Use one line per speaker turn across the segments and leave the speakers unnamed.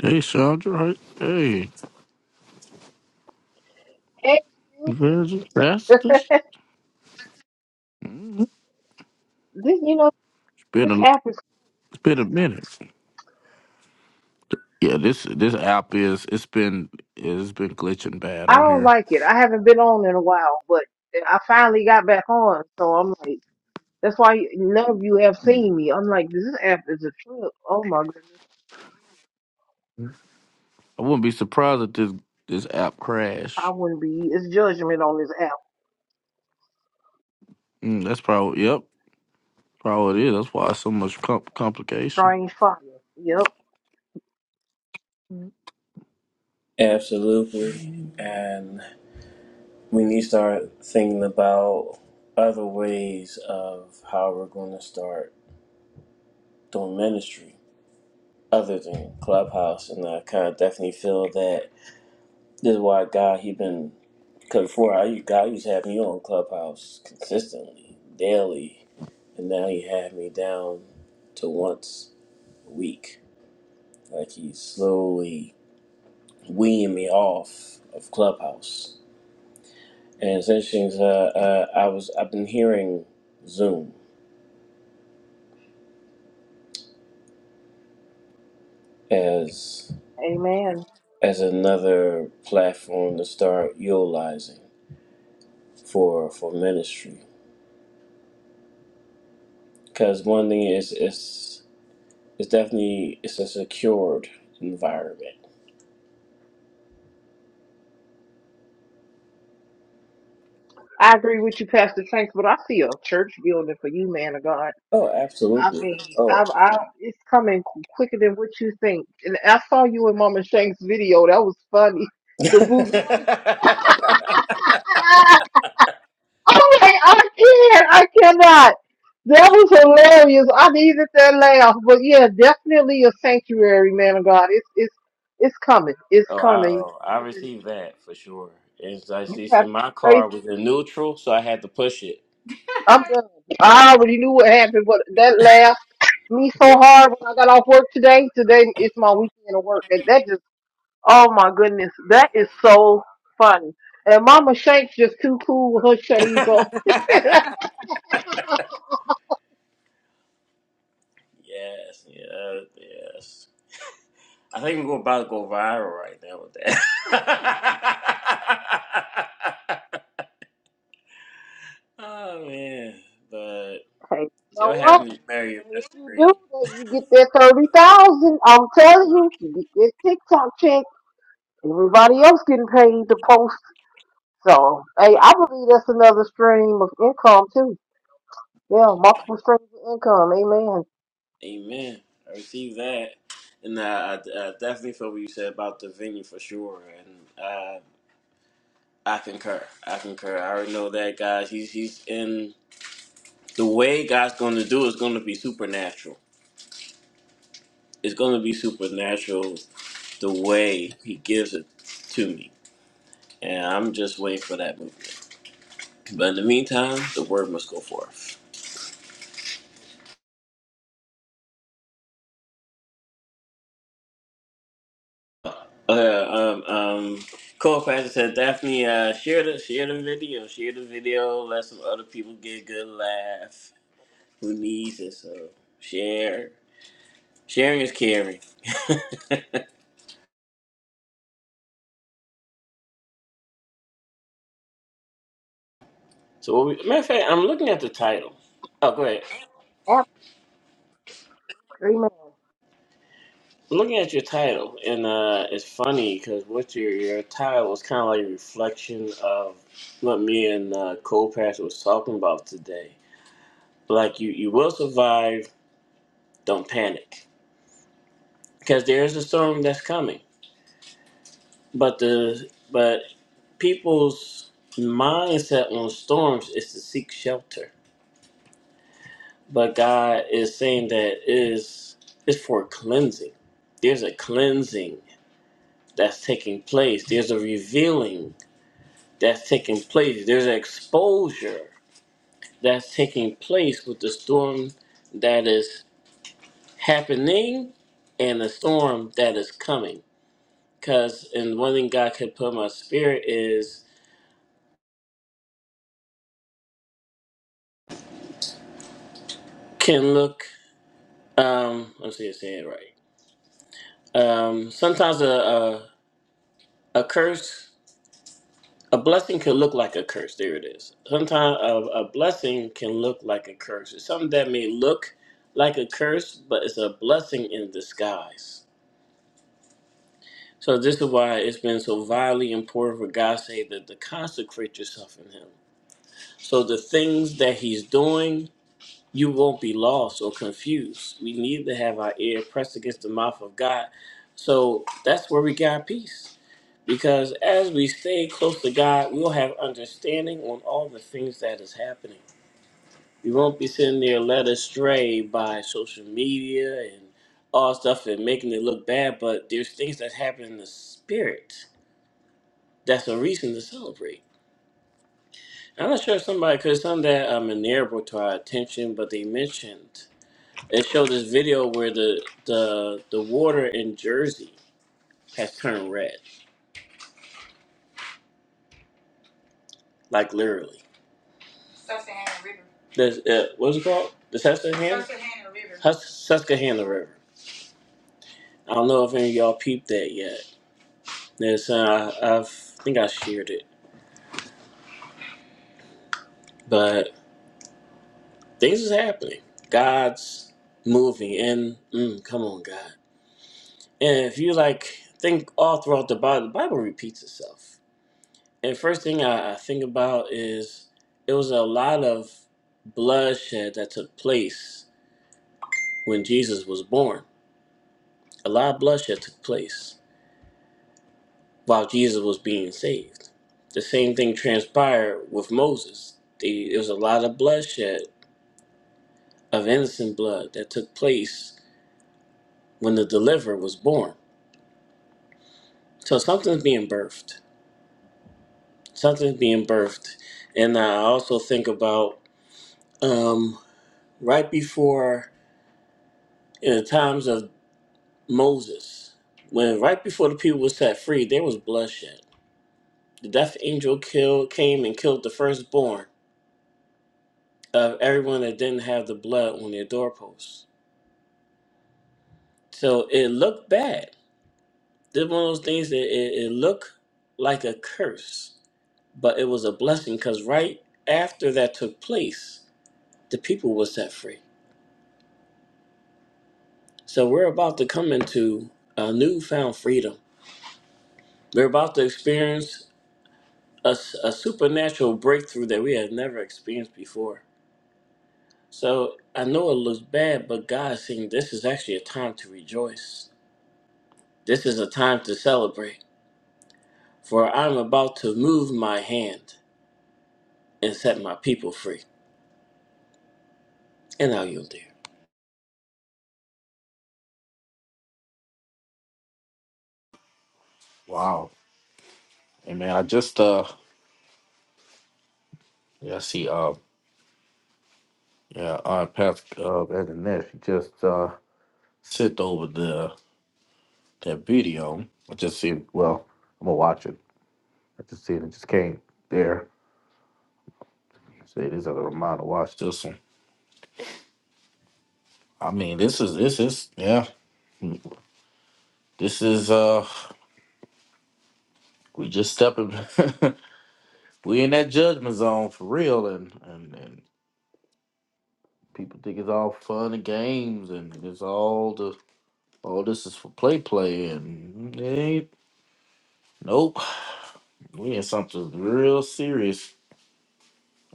Hey, Sandra. Hey, hey,
Hey, you-
where's the
the-
pastor? Mhm.
this you know
It's been
this
a lo-
app is
it's been a minute. Yeah, this this app is it's been it's been glitching bad
I
on
don't
here.
like it. I haven't been on in a while, but I finally got back on, so I'm like that's why none of you have seen
Mhm.
me. I'm like this app is a trip. Oh my goodness,
I wouldn't be surprised if this this app
I
crash.
wouldn't be. It's judgment on this app.
Mm, that's probably yep, probably it is. That's why it's so much com- complication.
Strange fire. Yep.
Mhm.
Absolutely. And we need to start thinking about other ways of how we're going to start doing ministry other than Clubhouse. And I kind of definitely feel that this is why God, he been, because before I, God used to have me on Clubhouse consistently, daily. And now he had me down to once a week. Like he's slowly weaning me off of Clubhouse And it's interesting. 'cause, Uh, uh, I was I've been hearing Zoom as
Amen.
as another platform to start utilizing for for ministry. Because one thing is it's it's definitely it's a secured environment.
I agree with you, Pastor Tanks, but I see a church building for you, man of God.
Oh,
I
absolutely.
mean, I,
Oh.
I, it's coming qu- quicker than what you think. And I saw you in Mama Shank's video. That was funny. The Bugatti. I'm like, I can't, I cannot. That was hilarious. I needed that laugh. But yeah, definitely a sanctuary, man of God. It's it's it's coming. It's
Oh, I,
coming.
oh, I
You have
received that for sure. And so I
been, you
see, see,
have
my
been
car
faithful.
was in neutral, so I had to push it.
I'm done. I already knew what happened, but that laugh me so hard when I got off work today. Today is my weekend of work, and that just oh my goodness, that is so funny. And Mama Shanks just too cool with her shades on.
yes, yes, yes. I think we're about to go viral right now with that. oh man, but
Okay. You know
you'll have
what?
me marry your
And if
best
you do
dream,
that, you get that thirty thousand. I'm telling you, you get that TikTok check. Everybody else getting paid to post. So, hey, I believe that's another stream of income too. Yeah, multiple streams of income. Amen.
Amen. I received that, and uh, I, I definitely feel what you said about the venue for sure, and uh, I concur. I concur. I already know that, guys. He's he's in the way God's going to do is going to be supernatural. It's going to be supernatural the way He gives it to me, and I'm just waiting for that movement. But in the meantime, the word must go forth. Uh, um, um, Cole Pastor said, Daphne, uh, share the share the video, share the video, let some other people get a good laugh. Who needs it? So share. Sharing is caring. So, what we, matter of fact, I'm looking at the title. Oh, go ahead.
Ab- Amen.
I'm looking at your title, and uh, it's funny because what your your title was kind of like a reflection of what me and uh, Cole Pastor was talking about today. Like you, you will survive Don't panic because there is a storm that's coming. But the but people's mindset on storms is to seek shelter. But God is saying that is is for cleansing. There's a cleansing that's taking place. There's a revealing that's taking place. There's an exposure that's taking place with the storm that is happening and the storm that is coming. Cause and one thing God could put in my spirit is can look. Um, let's see, if I say it right. Um, sometimes a, a a curse, a blessing can look like a curse. There it is. Sometimes a, a blessing can look like a curse. It's something that may look like a curse, but it's a blessing in disguise. So this is why it's been so vitally important for God to say that to consecrate yourself in Him. So the things that He's doing you won't be lost or confused. We need to have our ear pressed against the mouth of God. So that's where we got peace. Because as we stay close to God, we'll have understanding on all the things that is happening. We won't be sitting there led astray by social media and all stuff and making it look bad, but there's things that happen in the spirit that's a reason to celebrate. I'm not sure if somebody, because something that um, Minerva brought to our attention, but they mentioned It showed this video where the the the water in Jersey has turned red, like literally. This uh, what's it called? The Susquehanna. Susquehanna River. Hus- Susquehanna River. I don't know if any of y'all peeped that yet. There's, uh, I I've- think I shared it, but things is happening. God's moving, and mm, come on, God. And if you like think all throughout the Bible, the Bible repeats itself. And first thing I, I think about is it was a lot of bloodshed that took place when Jesus was born. A lot of bloodshed took place while Jesus was being saved. The same thing transpired with Moses. The, there was a lot of bloodshed of innocent blood that took place when the deliverer was born. So something's being birthed. Something's being birthed. And I also think about um, right before in the times of Moses, when right before the people were set free, there was bloodshed. The death angel killed, came and killed the firstborn of everyone that didn't have the blood on their doorposts. So it looked bad. This one of those things that it, it looked like a curse, but it was a blessing because right after that took place, the people were set free. So we're about to come into a newfound freedom. We're about to experience a, s- a supernatural breakthrough that we had never experienced before. So I know it looks bad, but God is saying this is actually a time to rejoice. This is a time to celebrate, for I'm about to move my hand and set my people free. And now you'll do.
Wow. Hey man, I just uh yeah I see uh yeah I passed uh at the net she just uh sent over the that video. I just see well I'm gonna watch it I just see it. and just came there. Say this other reminder. Watch this one. I mean, this is this is yeah. This is uh, we just stepping. we in that judgment zone for real, and and and people think it's all fun and games, and it's all the all this is for play play, and it ain't. Nope, we in something real serious.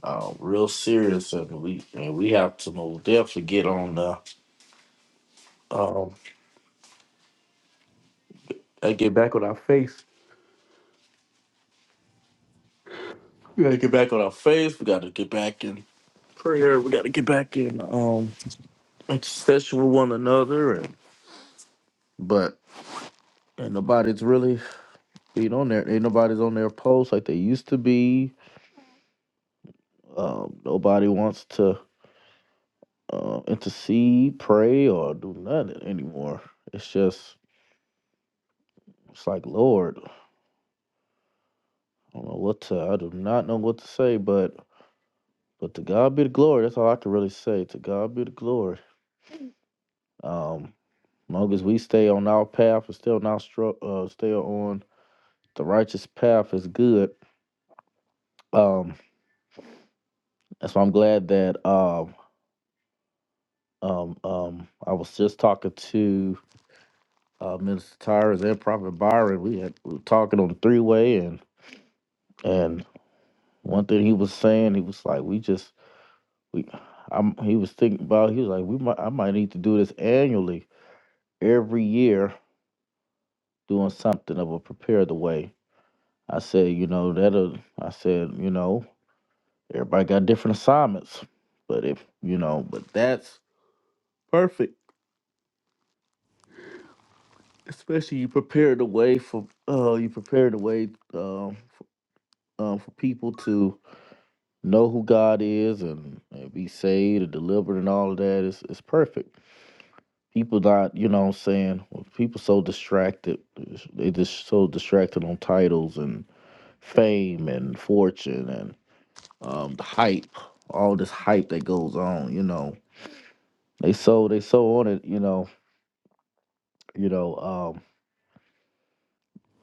Uh, real serious, and we and we have to most definitely get on the um, and get back on our face We gotta get back on our faith. We gotta get back in prayer. We gotta get back in um intercession with one another. And, but and nobody's really being on there. Ain't nobody's on their post like they used to be. Um, nobody wants to uh, intercede, pray, or do nothing anymore. It's just it's like Lord, I don't know what to. I do not know what to say, but but to God be the glory. That's all I can really say. To God be the glory. Um, Long as we stay on our path and still not stru- uh, stay on the righteous path is good. Um, and so I'm glad that um, um, um, I was just talking to uh, Minister Tyrus and Prophet Byron. We had we were talking on the three way, and and one thing he was saying, he was like, we just we, I'm, he was thinking about, he was like, we might, I might need to do this annually, every year, doing something that will prepare the way. I said, you know, that'll, I said, you know, Everybody got different assignments, but if you know, but that's perfect. Especially you prepare the way for uh you prepare the way um for, um for people to know who God is and, and be saved and delivered and all of that is is perfect. People not you know what I'm saying well, people so distracted they just so distracted on titles and fame and fortune and um the hype all this hype that goes on you know they so they so on it you know You know, um,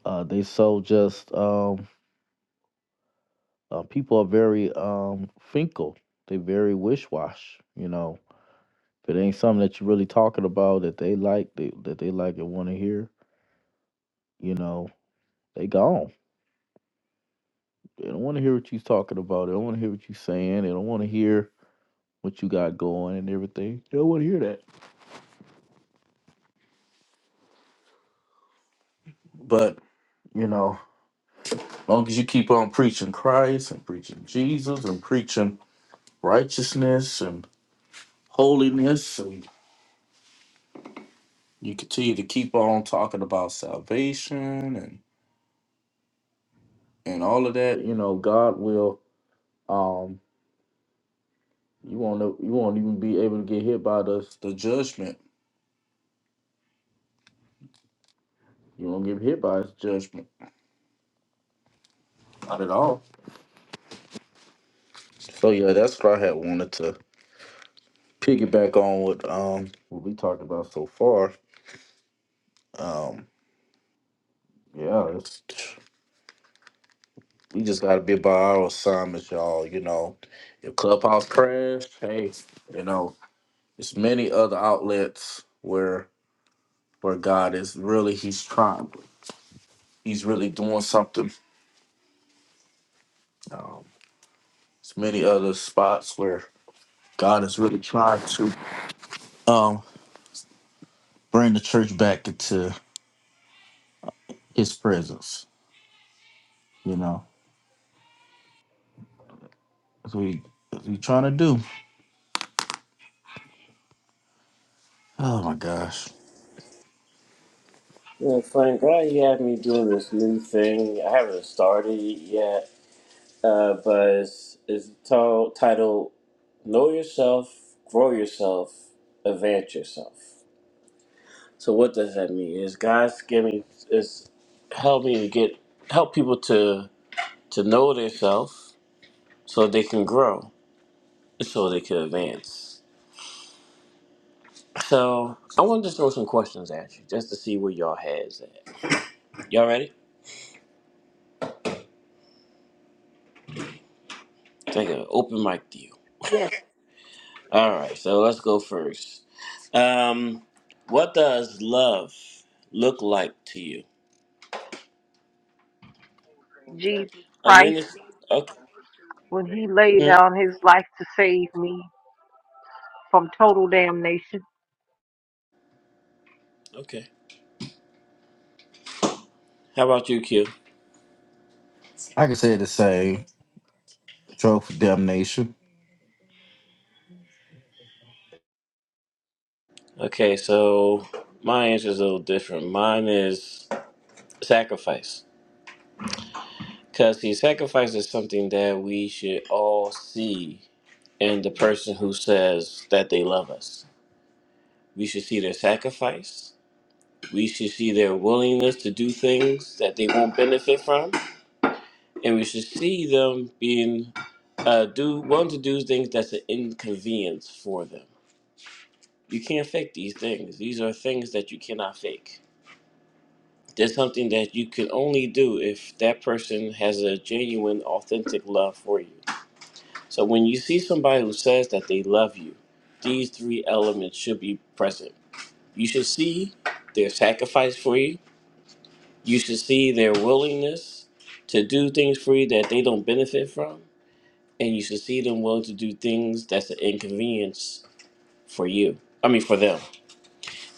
uh, they so just um, uh, people are very um, finkel. They very wish wash. You know, if it ain't something that you really talking about that they like, they, that they like and want to hear, you know, they gone. They don't want to hear what you talking about. They don't want to hear what you saying. They don't want to hear what you got going and everything. They don't want to hear that. But you know, long as you keep on preaching Christ and preaching Jesus and preaching righteousness and holiness and. you continue to keep on talking about salvation and and all of that you know god will um you won't know- you won't even be able to get hit by the the judgment you won't get hit by his judgment not at all so yeah that's what i had wanted to piggyback on what um what we talked about so far um yeah it's we just gotta be by our assignments y'all you know if clubhouse crash hey you know it's many other outlets where where God is really He's trying, He's really doing something. Um, there's many other spots where God is really trying to um, bring the church back into His presence. You know, that's what He that's what He trying to do. Oh my gosh,
Yeah, Frank, why you have me doing this new thing? I haven't started it yet, uh, but it's, it's t- titled Know Yourself, Grow Yourself, Advance Yourself. So what does that mean? Is God giving is help me to get help people to to know themselves so they can grow, so they can advance. So I want to just throw some questions at you just to see where y'all heads at. Y'all ready? Take an open mic to you.
Yes,
All right, so let's go first. Um, what does love look like to you?
Jesus
Are you in
Christ,
this? Okay.
when He laid
Hmm,
down His life to save me from total damnation.
Okay. How about you, Q?
I can say the same. Drove for damnation.
Okay, so my answer is a little different. Mine is sacrifice. Because see, sacrifice is something that we should all see in the person who says that they love us. We should see their sacrifice. We should see their willingness to do things that they won't benefit from. And we should see them being uh, do willing to do things that's an inconvenience for them. You can't fake these things. These are things that you cannot fake That's something that you could only do if that person has a genuine, authentic love for you. So when you see somebody who says that they love you, these three elements should be present. You should see their sacrifice for you. You should see their willingness to do things for you that they don't benefit from. And you should see them willing to do things that's an inconvenience for you. I mean, for them.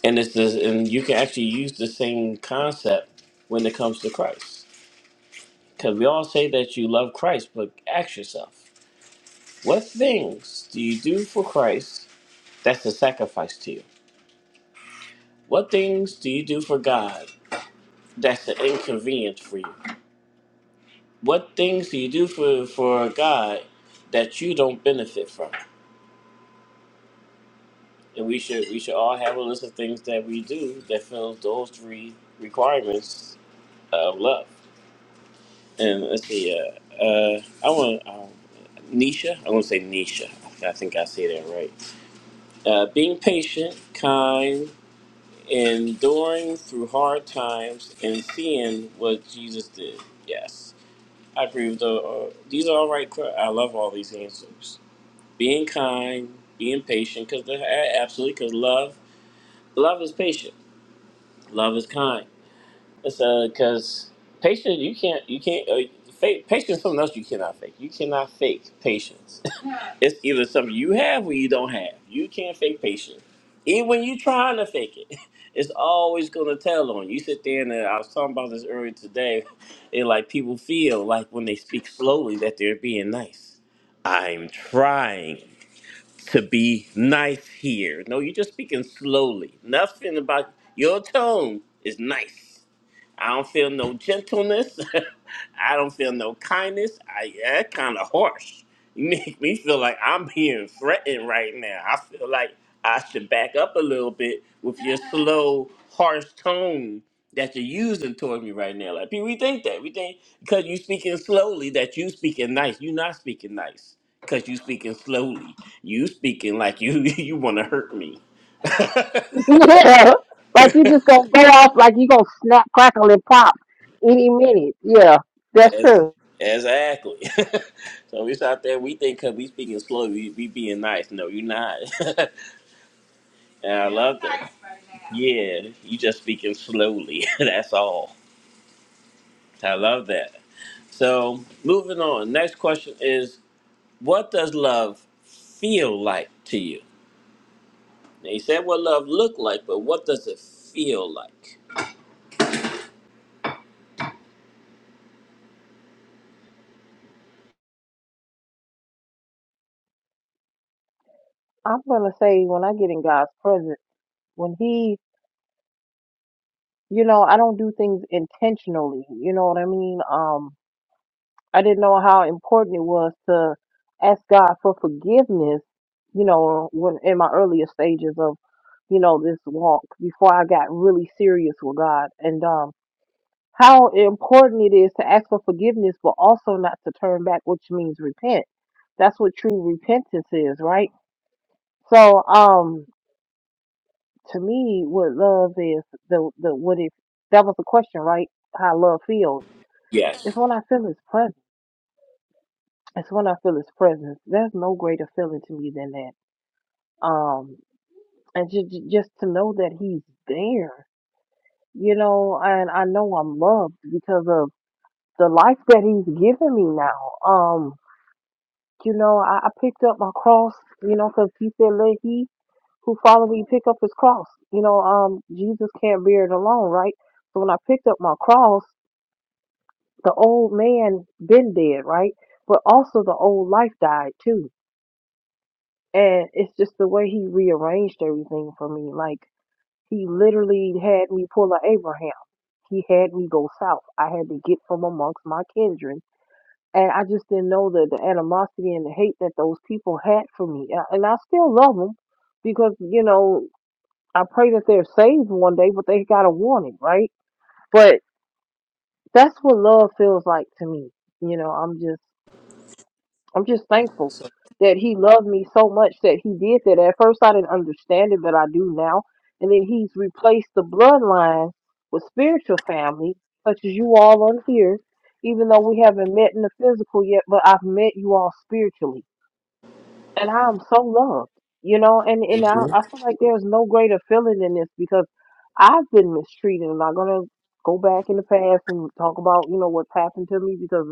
And it's this, and you can actually use the same concept when it comes to Christ. Because we all say that you love Christ, but ask yourself, what things do you do for Christ that's a sacrifice to you? What things do you do for God that's an inconvenience for you? What things do you do for, for God that you don't benefit from? And we should we should all have a list of things that we do that fills those three requirements of love. And let's see, uh, uh, I want um, Nisha. I'm gonna say Nisha. I think I say that right. uh, being patient, kind, enduring through hard times, and seeing what Jesus did. Yes, I agree with the. Uh, these are all right. que- I love all these answers. Being kind, being patient, because absolutely, because love, love is patient. Love is kind. It's because patience—you can't, you can't, you can't. Uh, fake, patience is something else you cannot fake. You cannot fake patience It's either something you have or you don't have. You can't fake patience. Even when you trying to fake it, it's always gonna tell on you. You sit there and uh, I was talking about this earlier today. It like people feel like when they speak slowly that they're being nice. I'm trying to be nice here. No, you're just speaking slowly. Nothing about your tone is nice. I don't feel no gentleness. I don't feel no kindness. I that kind of harsh. You make me feel like I'm being threatened right now. I feel like I should back up a little bit with your slow, harsh tone that you're using toward me right now. Like people, we think that we think because you speaking slowly that you speaking nice. you not speaking nice because you speaking slowly. You speaking like you you want to hurt me.
Yeah. Like you just gonna go off like you gonna snap, crackle, and pop any minute. Yeah, that's
As,
true.
exactly. so we out there. We think because we speaking slow, we, we being nice. No, you're not. and I love that. Yeah, you just speaking slowly. That's all. I love that. So moving on. Next question is, what does love feel like to you? Now, you said what love look like, but what does it feel like?
I'm gonna say when I get in God's presence, when He, you know, I don't do things intentionally. You know what I mean? Um, I didn't know how important it was to ask God for forgiveness. You know, when in my earlier stages of, you know, this walk before I got really serious with God, and um, how important it is to ask for forgiveness, but also not to turn back, which means repent. That's what true repentance is, right? So, um. to me, what love is the the what if that was the question, right? How love feels.
Yes.
It's when I feel his presence. It's when I feel his presence. There's no greater feeling to me than that. Um, and just just to know that he's there, you know, and I know I'm loved because of the life that he's given me now. Um, you know, I, I picked up my cross, you know, because he said, "Let he who follow me pick up his cross." You know, um, Jesus can't bear it alone, right? So when I picked up my cross the old man been dead, right? But also the old life died too. And it's just the way he rearranged everything for me. Like he literally had me pull a Abraham. He had me go south. I had to get from amongst my kindred. And I just didn't know the, the animosity and the hate that those people had for me. A- And I still love them because, you know, I pray that they're saved one day, but they got a warning, right? But that's what love feels like to me. You know, I'm just I'm just thankful
So,
that he loved me so much that he did that. At first, I didn't understand it, but I do now. And then he's replaced the bloodline with spiritual family, such as you all on here, even though we haven't met in the physical yet, but I've met you all spiritually. And I am so loved, you know, and, and I,
Mhm.
I feel like there's no greater feeling than this because I've been mistreated. I'm not going to go back in the past and talk about, you know, what's happened to me because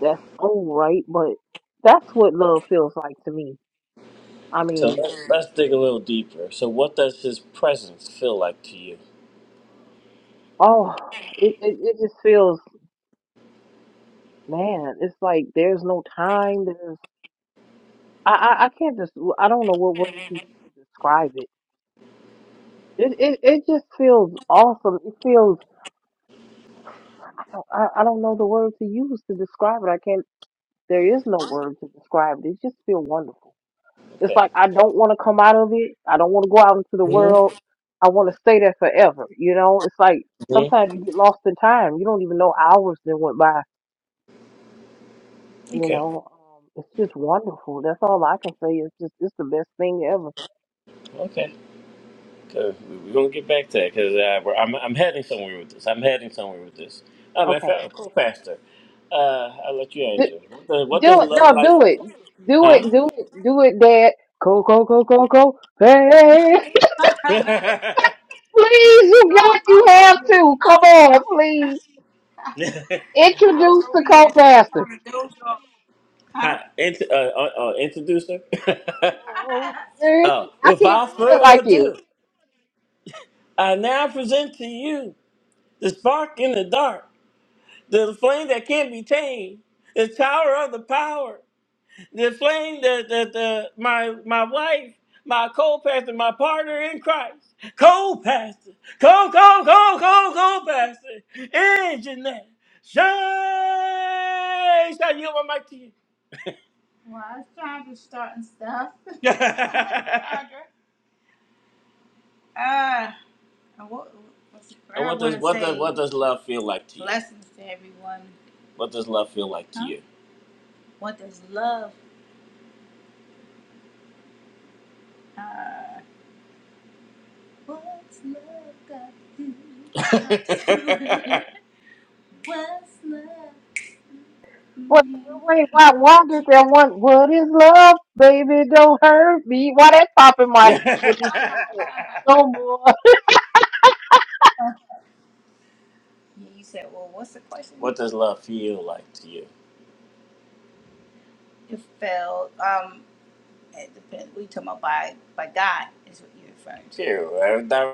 that's all right, but that's what love feels like to me. I
so
mean,
let's, let's dig a little deeper. So what does his presence feel like to you?
oh, it, it, it just feels, man, it's like there's no time. There's, I, I, I can't just, I don't know what word to use to describe it. It, it, it just feels awesome. It feels, I, don't- I I don't know the word to use to describe it. I can't, there is no word to describe it. It just feels wonderful. It's
Okay.
like I don't want to come out of it. I don't want to go out into the
Mhm.
world. I want to stay there forever. You know, it's like sometimes you get lost in time. You don't even know hours that went by. You
Okay,
know, um, it's just wonderful. That's all I can say. It's just it's the best thing ever.
okay. Good. We- We're gonna get back to that because uh, we're- I'm I'm heading somewhere with this. I'm heading somewhere with this. Oh, man,
Okay,
fact, co-pastor. Uh, I'll let you
do,
answer. What does, what does
do it.
love
No,
like?
do it. Do
Huh?
it. Do it. Do it, Dad. Go go go go go. Hey,
I
please, you got you have to come on, please
was
introduce
over
the
here.
co-pastor.
Hi, int- uh, uh, uh, introduce her.
Oh, man,
oh,
I can't do
without
it like
further
you.
ado, I now present to you the spark in the dark, the flame that can't be tamed, the tower of the power. the flame that that the my my wife, my co-pastor, my partner in Christ, co-pastor, co co co co co-pastor, and Jeanette. Shay, Shay, you on my mic to you. And what, what's the prayer? And what does what does what does love feel like to you? Blessings to everyone. What does love feel like to Huh?
Wait, wait, why, why did that one? What is love, baby? Don't hurt me. Why that pop in my
you?
head when you sing that? No more.
you said, well, what's the question? What does love feel like to you? referring to. Ew,